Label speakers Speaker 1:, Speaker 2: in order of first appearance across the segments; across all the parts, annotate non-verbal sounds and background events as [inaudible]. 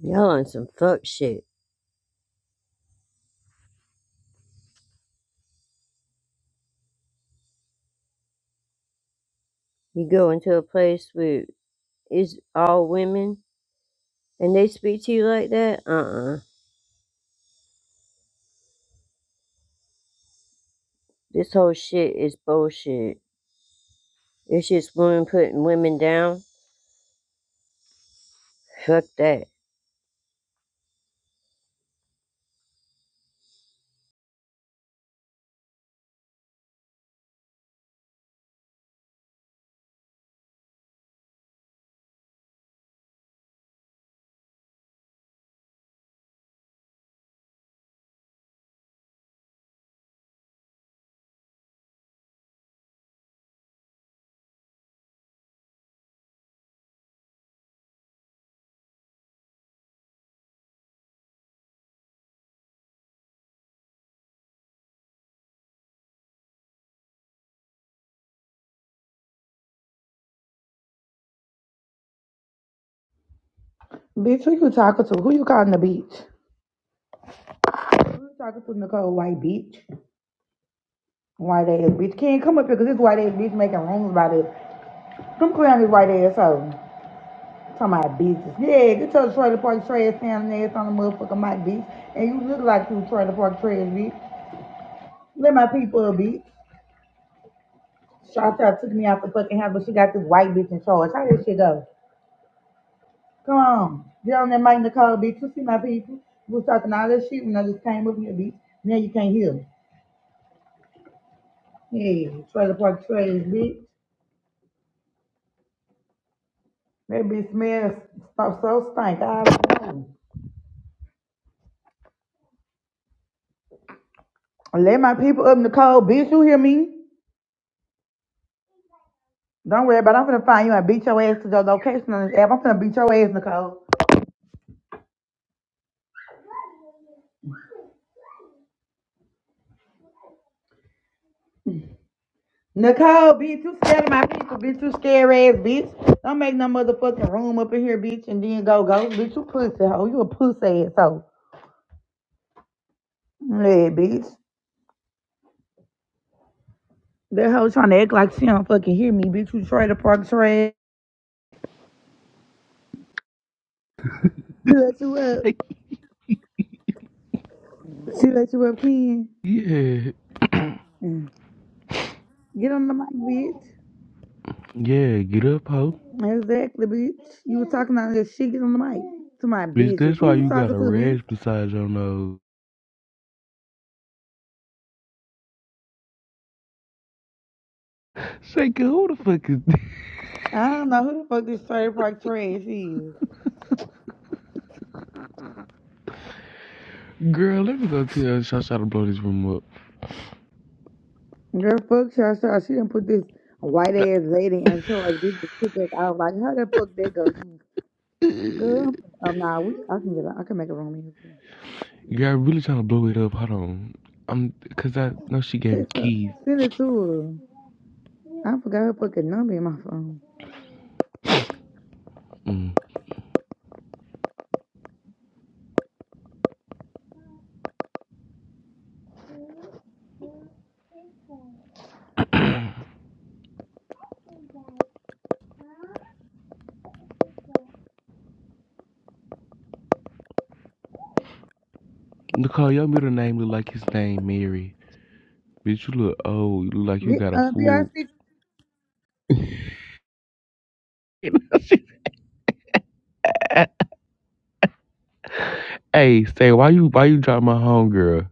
Speaker 1: Y'all on some fuck shit. You go into a place where it's all women and they speak to you like that? Uh uh This whole shit is bullshit. It's just women putting women down. Fuck that.
Speaker 2: Bitch, who you talking to? Who you calling a bitch? Who you talking to, Nicole? White bitch. White ass bitch. Can't come up here because this white ass bitch making rooms about it. Come clear on this white ass hoe. Talking about bitches. Yeah, get your trailer park trash down ass on the motherfucking mic, bitch. And you look like you trailer park trash, bitch. Let my people up, bitch. Shawty took me out the fucking house, but she got this white bitch in charge. How this shit go? Come on. Get on that mic, Nicole, bitch. You see my people? You was talking all that shit when I just came up here, bitch. Now you can't hear. me. Hey, trailer park trash, bitch. That bitch smells so, so stank. I don't know. Let my people up in the cold, bitch. You hear me? Don't worry about it. I'm finna find you and beat your ass to your location on this app. I'm finna beat your ass, Nicole. Nicole, bitch, you scared of my people, bitch. You scared ass, bitch. Don't make no motherfucking room up in here, bitch, and then go, go. Bitch, you pussy hoe. You a pussy ass hoe. Yeah, bitch. That hoe trying to act like she don't fucking hear me, bitch. You trailer park trash. She let you up.
Speaker 3: say
Speaker 2: She let you up, Ken.
Speaker 3: Yeah,
Speaker 2: Get on the mic, bitch.
Speaker 3: yeah, get up, ho.
Speaker 2: Exactly, bitch. You were talking about this shit. Get on the mic. To my
Speaker 3: Bitch,
Speaker 2: bitches.
Speaker 3: that's why
Speaker 2: Who you
Speaker 3: you got
Speaker 2: talking
Speaker 3: a
Speaker 2: to, bitch?
Speaker 3: rash beside your nose. Shaker, who the fuck is this?
Speaker 2: I don't know who the fuck this trailer park trash is.
Speaker 3: Girl, let me go tell Shasha to blow this room up.
Speaker 2: Girl, fuck Shasha. She didn't put this white ass lady in charge. This is took us out. Like, how the fuck that go?
Speaker 3: Girl,
Speaker 2: Girl, um, nah, we, I can get, a- I can make a room in here
Speaker 3: I'm really trying to blow it up. Hold on. I'm, cause I know she gave me
Speaker 2: Text her,
Speaker 3: keys.
Speaker 2: send it to her. I forgot her fucking number in my phone.
Speaker 3: Mm. Nicole, your middle name look like his name, Mary. Bitch, you look old. You look like you
Speaker 2: Get,
Speaker 3: got a
Speaker 2: uh,
Speaker 3: fool.
Speaker 2: BRC
Speaker 3: [laughs] hey, say, why you, why you drop my home, girl?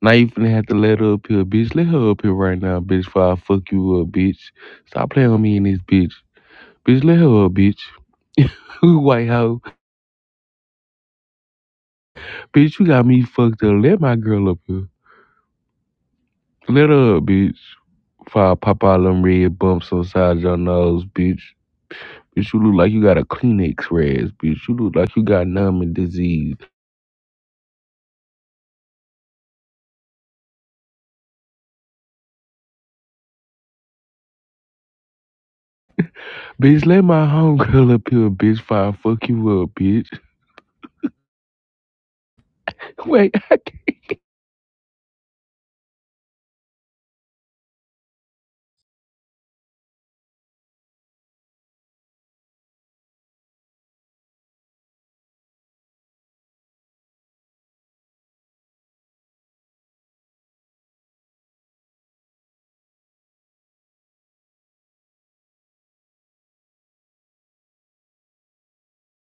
Speaker 3: Now you finna have to let her up here, bitch. Let her up here right now, bitch, before I fuck you up, bitch. Stop playing with me in this bitch. Bitch, let her up, bitch. [laughs] White hoe. Bitch, you got me fucked up. Let my girl up here. Let her up, bitch. Before I pop all them red bumps on inside your nose, bitch. Bitch, you look like you got a Kleenex rash, bitch. You look like you got numbing disease. Bitch, let my homegirl up here, bitch, before I fuck you up, bitch. [laughs] Wait, I